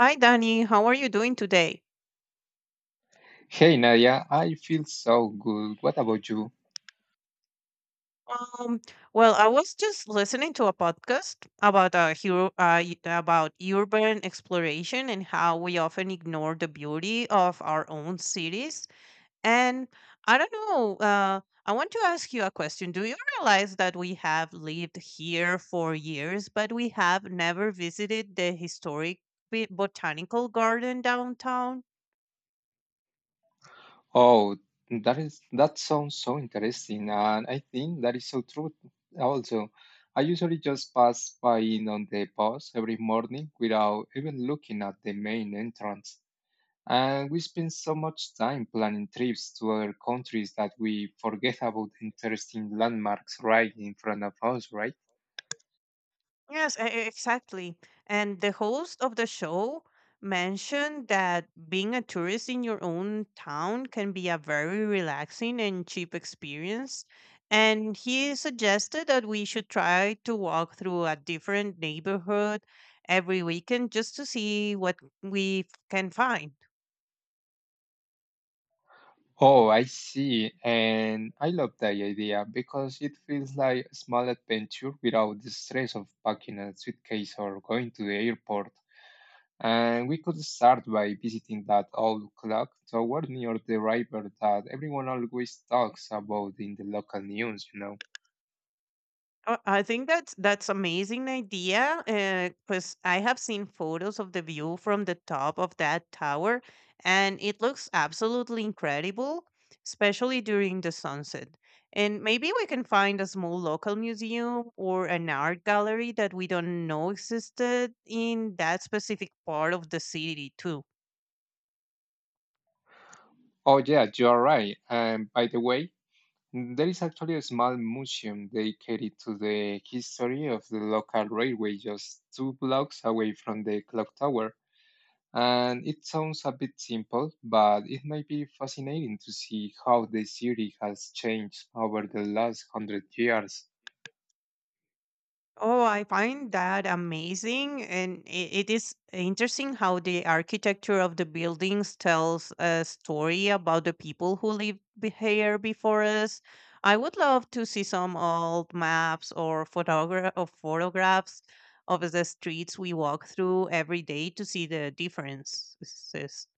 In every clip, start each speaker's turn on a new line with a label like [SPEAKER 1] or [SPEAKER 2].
[SPEAKER 1] Hi, Danny. How are you doing today?
[SPEAKER 2] Hey Nadia, I feel so good. What about you?
[SPEAKER 1] Um, well, I was just listening to a podcast about about urban exploration and how we often ignore the beauty of our own cities. And I don't know, I want to ask you a question. Do you realize that we have lived here for years, but we have never visited the historic botanical garden downtown?
[SPEAKER 2] Oh, that sounds so interesting, and I think that is so true. Also, I usually just pass by in on the bus every morning without even looking at the main entrance. And we spend so much time planning trips to other countries that we forget about interesting landmarks right in front of us, right?
[SPEAKER 1] Yes, exactly. And the host of the show mentioned that being a tourist in your own town can be a very relaxing and cheap experience. And he suggested that we should try to walk through a different neighborhood every weekend just to see what can find.
[SPEAKER 2] Oh, I see. And I love that idea because it feels like a small adventure without the stress of packing a suitcase or going to the airport. And we could start by visiting that old clock tower near the river that everyone always talks about in the local news.
[SPEAKER 1] I think that's amazing idea because I have seen photos of the view from the top of that tower, and it looks absolutely incredible, especially during the sunset. And maybe we can find a small local museum or an art gallery that we don't know existed in that specific part of the city too.
[SPEAKER 2] Oh, yeah, you are right. And by the way, there is actually a small museum dedicated to the history of the local railway just two blocks away from the clock tower. And it sounds a bit simple, but it might be fascinating to see how the city has changed over the last hundred years.
[SPEAKER 1] Oh, I find that amazing. And it is interesting how the architecture of the buildings tells a story about the people who lived here before us. I would love to see some old maps or photographs of the streets we walk through every day to see the differences.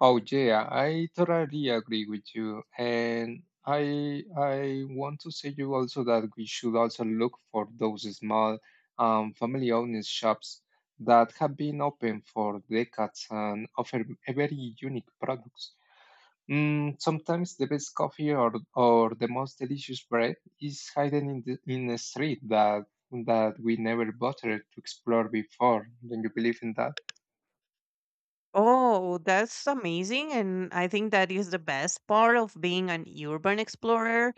[SPEAKER 2] Oh yeah, I totally agree with you. And I want to say you also that we should also look for those small family-owned shops that have been open for decades and offer very unique products. Mm, sometimes the best coffee or the most delicious bread is hidden in a street that we never bothered to explore before. Don't you believe in that?
[SPEAKER 1] Oh, that's amazing. And I think that is the best part of being an urban explorer,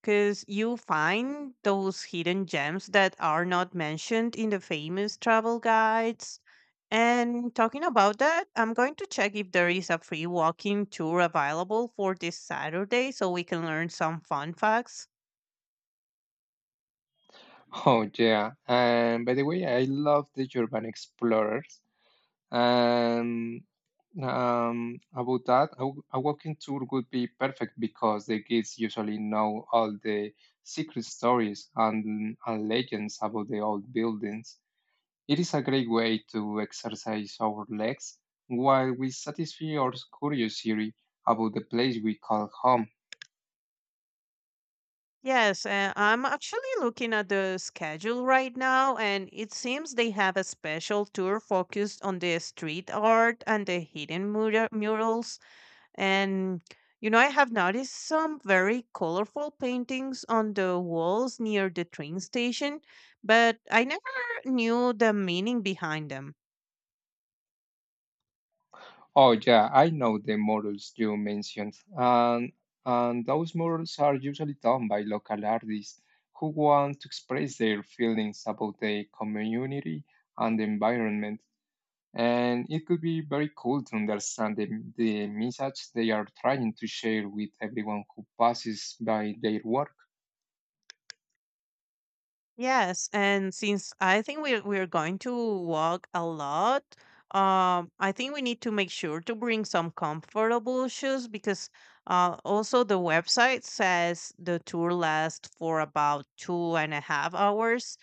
[SPEAKER 1] because you find those hidden gems that are not mentioned in the famous travel guides. And talking about that, I'm going to check if there is a free walking tour available for this Saturday so we can learn some fun facts.
[SPEAKER 2] Oh yeah. And by the way, I love the urban explorers. And about that, a walking tour would be perfect because the kids usually know all the secret stories and legends about the old buildings. It is a great way to exercise our legs while we satisfy our curiosity about the place we call home.
[SPEAKER 1] Yes, I'm actually looking at the schedule right now, and it seems they have a special tour focused on the street art and the hidden murals. And you know, I have noticed some very colorful paintings on the walls near the train station, but I never knew the meaning behind them.
[SPEAKER 2] Oh, yeah, I know the models you mentioned. And those models are usually done by local artists who want to express their feelings about the community and the environment. And it could be very cool to understand the message they are trying to share with everyone who passes by their work.
[SPEAKER 1] Yes, and since I think we're going to walk a lot, I think we need to make sure to bring some comfortable shoes because also the website says the tour lasts for about 2.5 hours.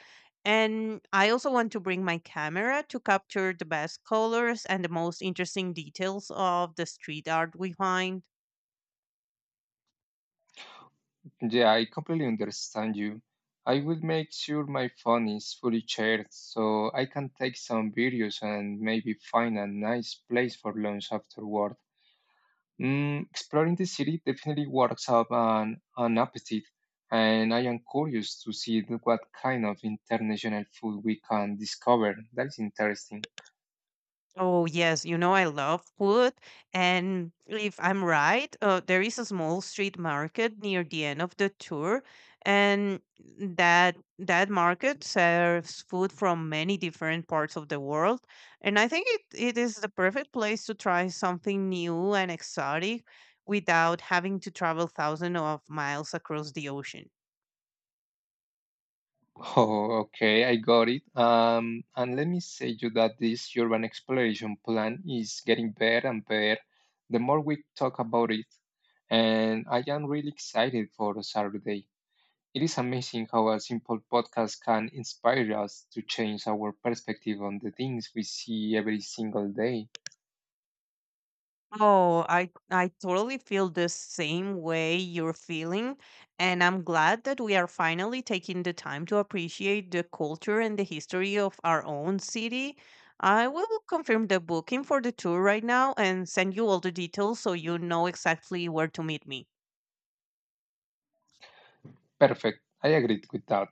[SPEAKER 1] And I also want to bring my camera to capture the best colors and the most interesting details of the street art we find.
[SPEAKER 2] Yeah, I completely understand you. I will make sure my phone is fully charged so I can take some videos and maybe find a nice place for lunch afterward. Mm, exploring the city definitely works up an appetite, and I am curious to see what kind of international food we can discover. That is interesting.
[SPEAKER 1] Oh yes, you know I love food, and if I'm right, there is a small street market near the end of the tour, and that market serves food from many different parts of the world, and I think it is the perfect place to try something new and exotic without having to travel thousands of miles across the ocean.
[SPEAKER 2] Oh, okay, I got it. And let me say you that this urban exploration plan is getting better and better the more we talk about it. And I am really excited for Saturday. It is amazing how a simple podcast can inspire us to change our perspective on the things we see every single day.
[SPEAKER 1] Oh, I totally feel the same way you're feeling, and I'm glad that we are finally taking the time to appreciate the culture and the history of our own city. I will confirm the booking for the tour right now and send you all the details so you know exactly where to meet me.
[SPEAKER 2] Perfect. I agreed with that.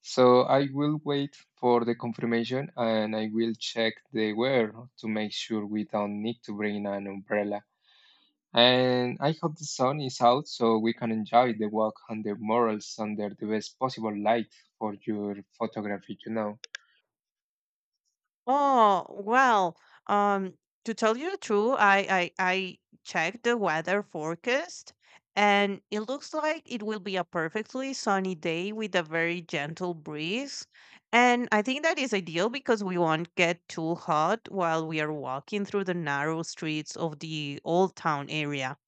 [SPEAKER 2] So I will wait for the confirmation and I will check the weather to make sure we don't need to bring an umbrella. And I hope the sun is out so we can enjoy the walk on the murals under the best possible light for your photography.
[SPEAKER 1] Oh, well, um, to tell you the truth, I checked the weather forecast and it looks like it will be a perfectly sunny day with a very gentle breeze. And I think that is ideal because we won't get too hot while we are walking through the narrow streets of the old town area.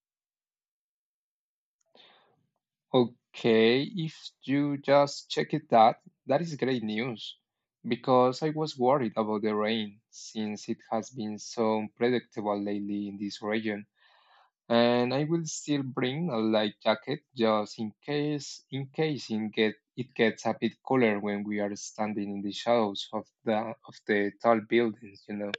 [SPEAKER 2] Okay, if you just check it that is great news because I was worried about the rain since it has been so unpredictable lately in this region. And I will still bring a light jacket just in case it gets a bit cooler when we are standing in the shadows of the tall buildings.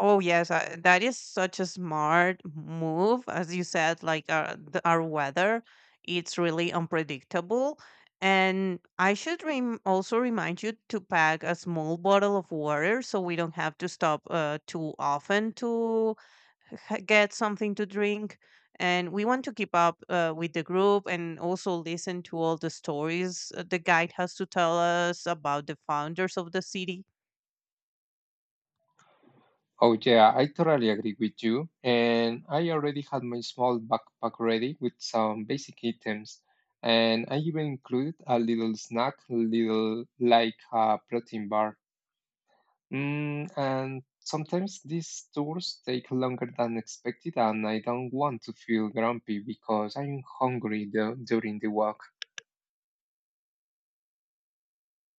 [SPEAKER 1] Oh yes, that is such a smart move, as you said. Like the, our weather, it's really unpredictable, and I should also remind you to pack a small bottle of water so we don't have to stop too often to get something to drink. And we want to keep up with the group and also listen to all the stories the guide has to tell us about the founders of the city.
[SPEAKER 2] Oh yeah, I totally agree with you. And I already had my small backpack ready with some basic items. And I even included a little snack, little like a protein bar. Mm, and sometimes these tours take longer than expected, and I don't want to feel grumpy because I'm hungry though, during the walk.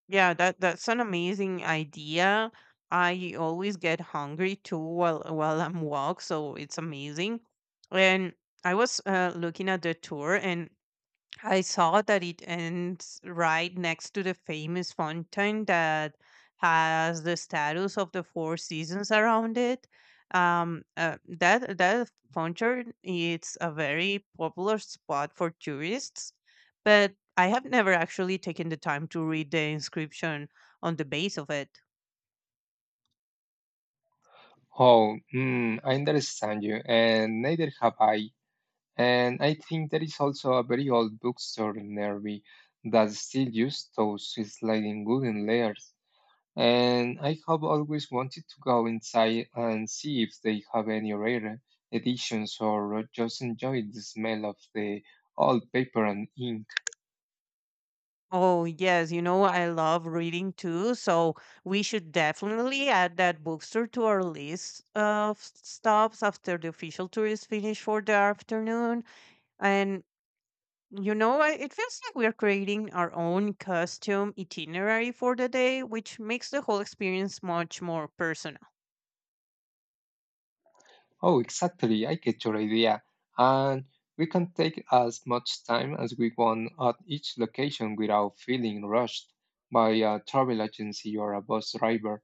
[SPEAKER 1] Yeah, that's an amazing idea. I always get hungry too while I'm walk, so it's amazing. And I was looking at the tour, and I saw that it ends right next to the famous fountain that has the status of the four seasons around it. That fountain it's a very popular spot for tourists, but I have never actually taken the time to read the inscription on the base of it.
[SPEAKER 2] Oh, mm, I understand you, and neither have I. And I think there is also a very old bookstore near me that still uses those sliding wooden layers. And I have always wanted to go inside and see if they have any rare editions or just enjoy the smell of the old paper and ink.
[SPEAKER 1] Oh, yes. You know, I love reading too. So we should definitely add that bookstore to our list of stops after the official tour is finished for the afternoon. And, you know, it feels like we are creating our own custom itinerary for the day, which makes the whole experience much more personal.
[SPEAKER 2] Oh, exactly. I get your idea. And we can take as much time as we want at each location without feeling rushed by a travel agency or a bus driver.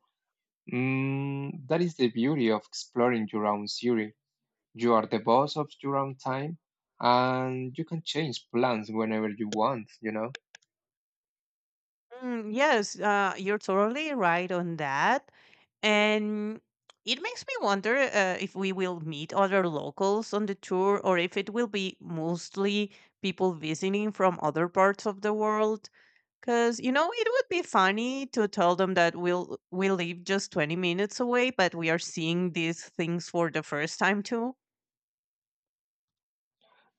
[SPEAKER 2] Mm, that is the beauty of exploring your own city. You are the boss of your own time and you can change plans whenever you want, you know?
[SPEAKER 1] Mm, yes, you're totally right on that. And it makes me wonder if we will meet other locals on the tour or if it will be mostly people visiting from other parts of the world. Because, you know, it would be funny to tell them that we live just 20 minutes away, but we are seeing these things for the first time too.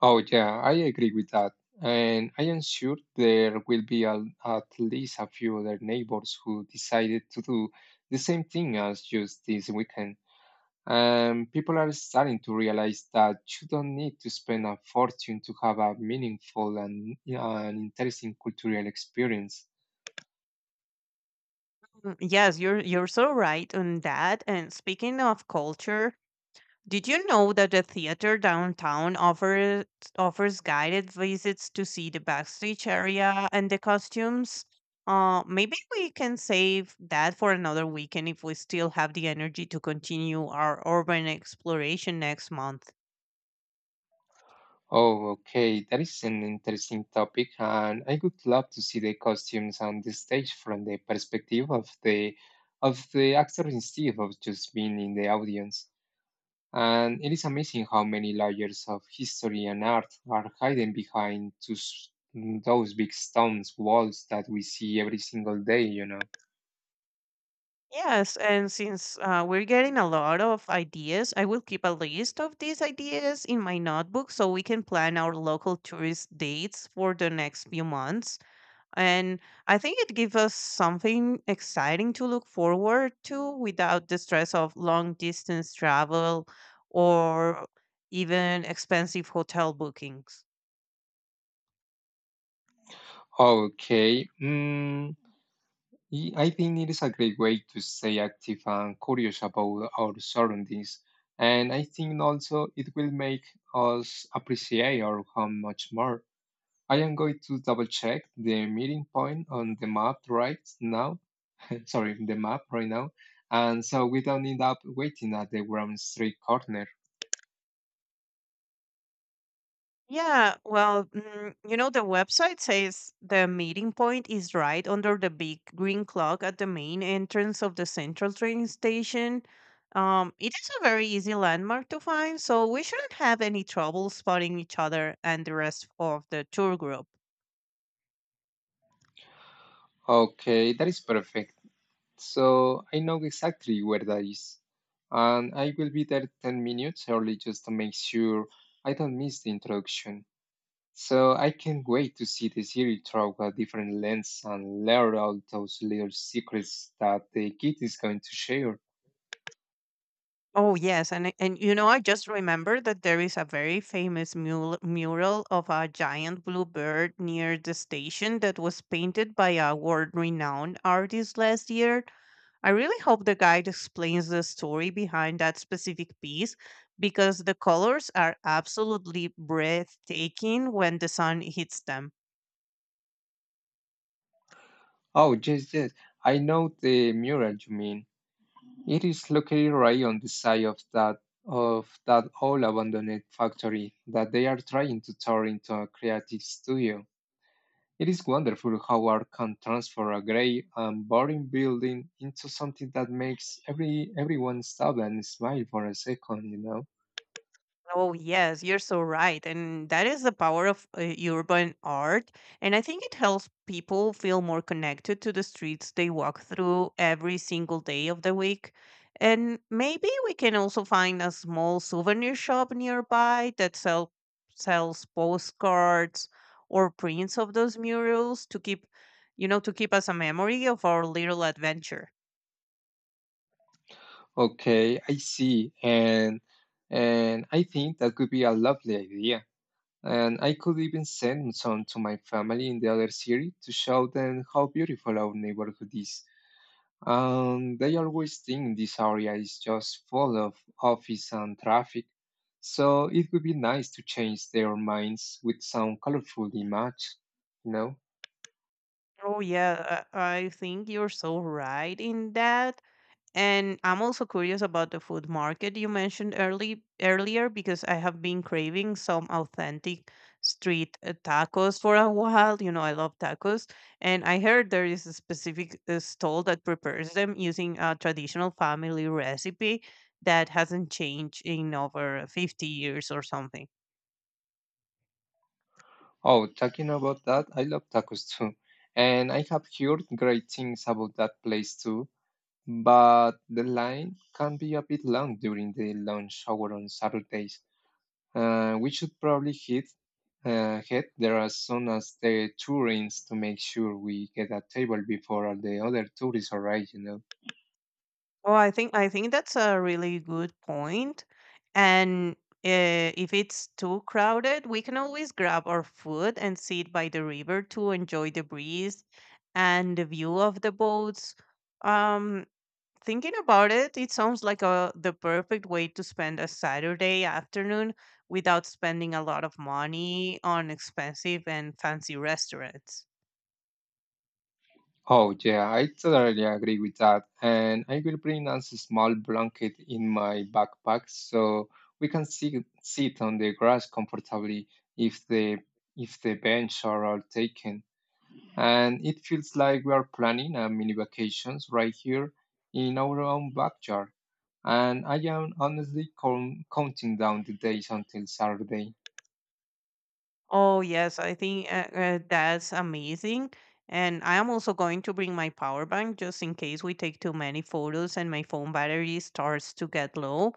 [SPEAKER 2] Oh, yeah, I agree with that. And I am sure there will be at least a few other neighbors who decided to do the same thing as just this weekend. And people are starting to realize that you don't need to spend a fortune to have a meaningful and interesting cultural experience.
[SPEAKER 1] Mm, yes, you're so right on that. And speaking of culture, did you know that the theater downtown offers guided visits to see the backstage area and the costumes? Maybe we can save that for another weekend if we still have the energy to continue our urban exploration next month.
[SPEAKER 2] Oh, okay. That is an interesting topic, and I would love to see the costumes on the stage from the perspective of the actor instead of just being in the audience. And it is amazing how many layers of history and art are hidden behind those big stones walls that we see every single day.
[SPEAKER 1] Yes, and since we're getting a lot of ideas, I will keep a list of these ideas in my notebook so we can plan our local tourist dates for the next few months. And I think it gives us something exciting to look forward to without the stress of long distance travel or even expensive hotel bookings.
[SPEAKER 2] Okay. Mm, I think it is a great way to stay active and curious about our surroundings. And I think also it will make us appreciate our home much more. I am going to double check the meeting point on the map right now. Sorry, the map right now. And so we don't end up waiting at the Grand Street corner.
[SPEAKER 1] Yeah, well, mm, you know the website says the meeting point is right under the big green clock at the main entrance of the central train station. It is a very easy landmark to find so we shouldn't have any trouble spotting each other and the rest of the tour group.
[SPEAKER 2] Okay, that is perfect. So I know exactly where that is. And I will be there 10 minutes early just to make sure I don't miss the introduction. So I can't wait to see the series through a different lens and learn all those little secrets that the kid is going to share.
[SPEAKER 1] Oh yes, and you know I just remember that there is a very famous mural of a giant blue bird near the station that was painted by a world-renowned artist last year. I really hope the guide explains the story behind that specific piece because the colors are absolutely breathtaking when the sun hits them.
[SPEAKER 2] Oh, yes, yes. I know the mural you mean. It is located right on the side of that old abandoned factory that they are trying to turn into a creative studio. It is wonderful how art can transform a gray and boring building into something that makes everyone stop and smile for a second, you know?
[SPEAKER 1] Oh, yes, you're so right. And that is the power of urban art. And I think it helps people feel more connected to the streets they walk through every single day of the week. And maybe we can also find a small souvenir shop nearby that sells postcards or prints of those murals to keep, you know, to keep us a memory of our little adventure.
[SPEAKER 2] Okay, I see. And I think that could be a lovely idea. And I could even send some to my family in the other city to show them how beautiful our neighborhood is. They always think this area is just full of office and traffic, so it would be nice to change their minds with some colorful image, you know?
[SPEAKER 1] Oh, yeah, I think you're so right in that. And I'm also curious about the food market you mentioned early earlier because I have been craving some authentic street tacos for a while. You know, I love tacos, and I heard there is a specific stall that prepares them using a traditional family recipe that hasn't changed in over 50 years or something.
[SPEAKER 2] Oh, talking about that, I love tacos too, and I have heard great things about that place too, but the line can be a bit long during the lunch hour on Saturdays. We should probably hit head there as soon as the tour ends to make sure we get a table before all the other tourists arrive.
[SPEAKER 1] Oh, I think that's a really good point. And if it's too crowded, we can always grab our food and sit by the river to enjoy the breeze and the view of the boats. Um, Thinking about it, it sounds like the perfect way to spend a Saturday afternoon without spending a lot of money on expensive and fancy restaurants.
[SPEAKER 2] Oh, yeah, I totally agree with that. And I will bring us a small blanket in my backpack so we can sit on the grass comfortably if the bench are all taken. And it feels like we are planning a mini vacations right here in our own backyard. And I am honestly counting down the days until Saturday.
[SPEAKER 1] Oh, yes, I think that's amazing. And I am also going to bring my power bank just in case we take too many photos and my phone battery starts to get low.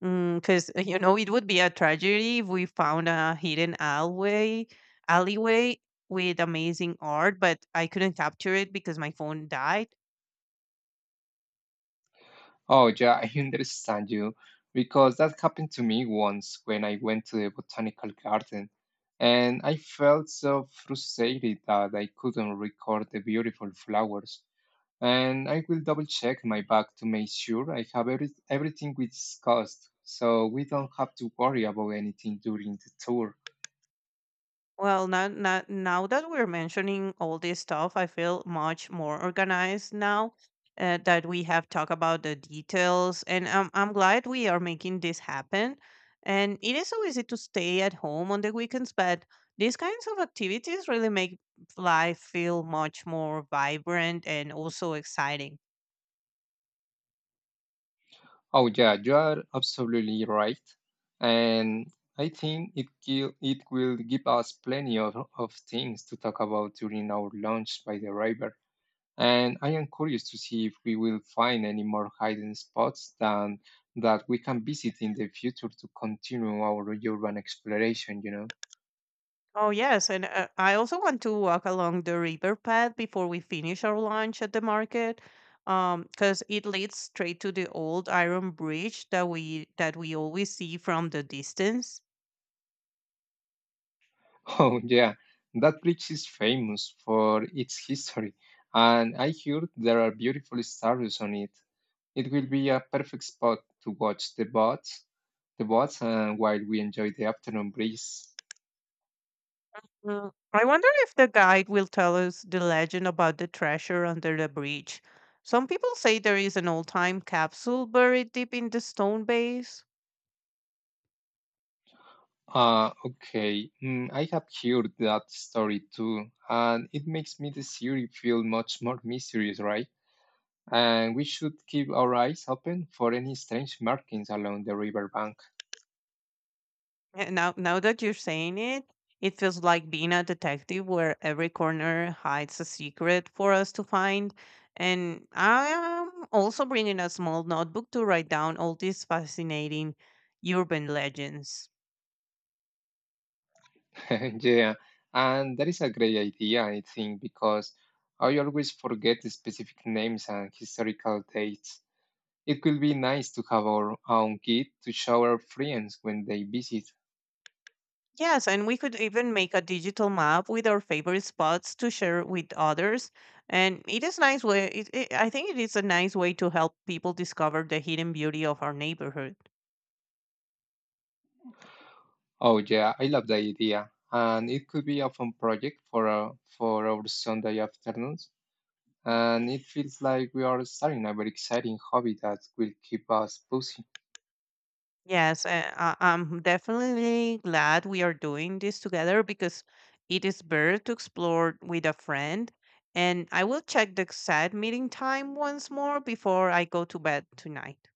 [SPEAKER 1] Because, you know, it would be a tragedy if we found a hidden alleyway with amazing art, but I couldn't capture it because my phone died.
[SPEAKER 2] Oh, yeah, I understand you because that happened to me once when I went to the botanical garden. And I felt so frustrated that I couldn't record the beautiful flowers. And I will double check my bag to make sure I have everything we discussed so we don't have to worry about anything during the tour.
[SPEAKER 1] Well, now that we're mentioning all this stuff, I feel much more organized now that we have talked about the details. And I'm glad we are making this happen. And it is so easy to stay at home on the weekends, but these kinds of activities really make life feel much more vibrant and also exciting.
[SPEAKER 2] Oh, yeah, you are absolutely right. And I think it will give us plenty of things to talk about during our lunch by the river. And I am curious to see if we will find any more hidden spots than that we can visit in the future to continue our urban exploration, you know.
[SPEAKER 1] Oh, yes. And I also want to walk along the river path before we finish our lunch at the market, because it leads straight to the old iron bridge that we always see from the distance.
[SPEAKER 2] Oh, yeah, that bridge is famous for its history, and I heard there are beautiful stories on it. It will be a perfect spot to watch the boats, while we enjoy the afternoon breeze.
[SPEAKER 1] Mm, I wonder if the guide will tell us the legend about the treasure under the bridge. Some people say there is an old-time capsule buried deep in the stone base.
[SPEAKER 2] Okay, mm, I have heard that story too, and it makes me the series feel much more mysterious, right? And we should keep our eyes open for any strange markings along the riverbank.
[SPEAKER 1] Now that you're saying it, it feels like being a detective where every corner hides a secret for us to find. And I am also bringing a small notebook to write down all these fascinating urban legends.
[SPEAKER 2] Yeah, and that is a great idea, I think, because I always forget the specific names and historical dates. It could be nice to have our own kit to show our friends when they visit.
[SPEAKER 1] Yes, and we could even make a digital map with our favorite spots to share with others. And it is nice way. I think it is a nice way to help people discover the hidden beauty of our neighborhood.
[SPEAKER 2] Oh yeah, I love the idea, and it could be a fun project for our Sunday afternoons. And it feels like we are starting a very exciting hobby that will keep us busy.
[SPEAKER 1] Yes, I'm definitely glad we are doing this together because it is better to explore with a friend. And I will check the exact meeting time once more before I go to bed tonight.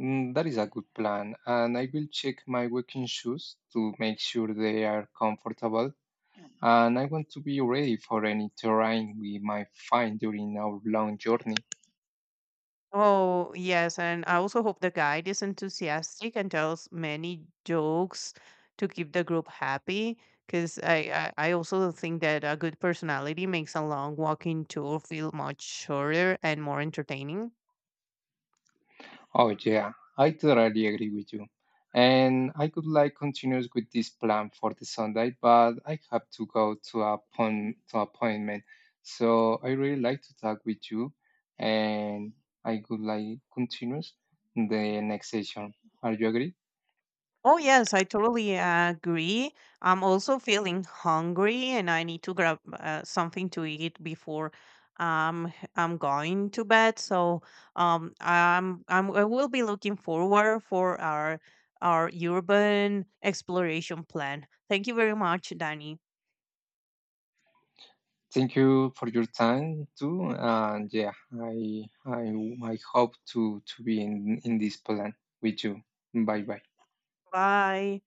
[SPEAKER 2] Mm, that is a good plan, and I will check my walking shoes to make sure they are comfortable. And I want to be ready for any terrain we might find during our long journey.
[SPEAKER 1] Oh, yes. And I also hope the guide is enthusiastic and tells many jokes to keep the group happy. Because I also think that a good personality makes a long walking tour feel much shorter and more entertaining.
[SPEAKER 2] Oh yeah, I totally agree with you. And I could like continue with this plan for the Sunday, but I have to go to to appointment. So I really like to talk with you, and I could like continue the next session. Are you agree?
[SPEAKER 1] Oh, yes, I totally agree. I'm also feeling hungry and I need to grab something to eat before I'm going to bed. So I will be looking forward for our urban exploration plan. Thank you very much, Danny.
[SPEAKER 2] Thank you for your time too, and yeah, I hope to be in this plan with you. Bye bye.
[SPEAKER 1] Bye.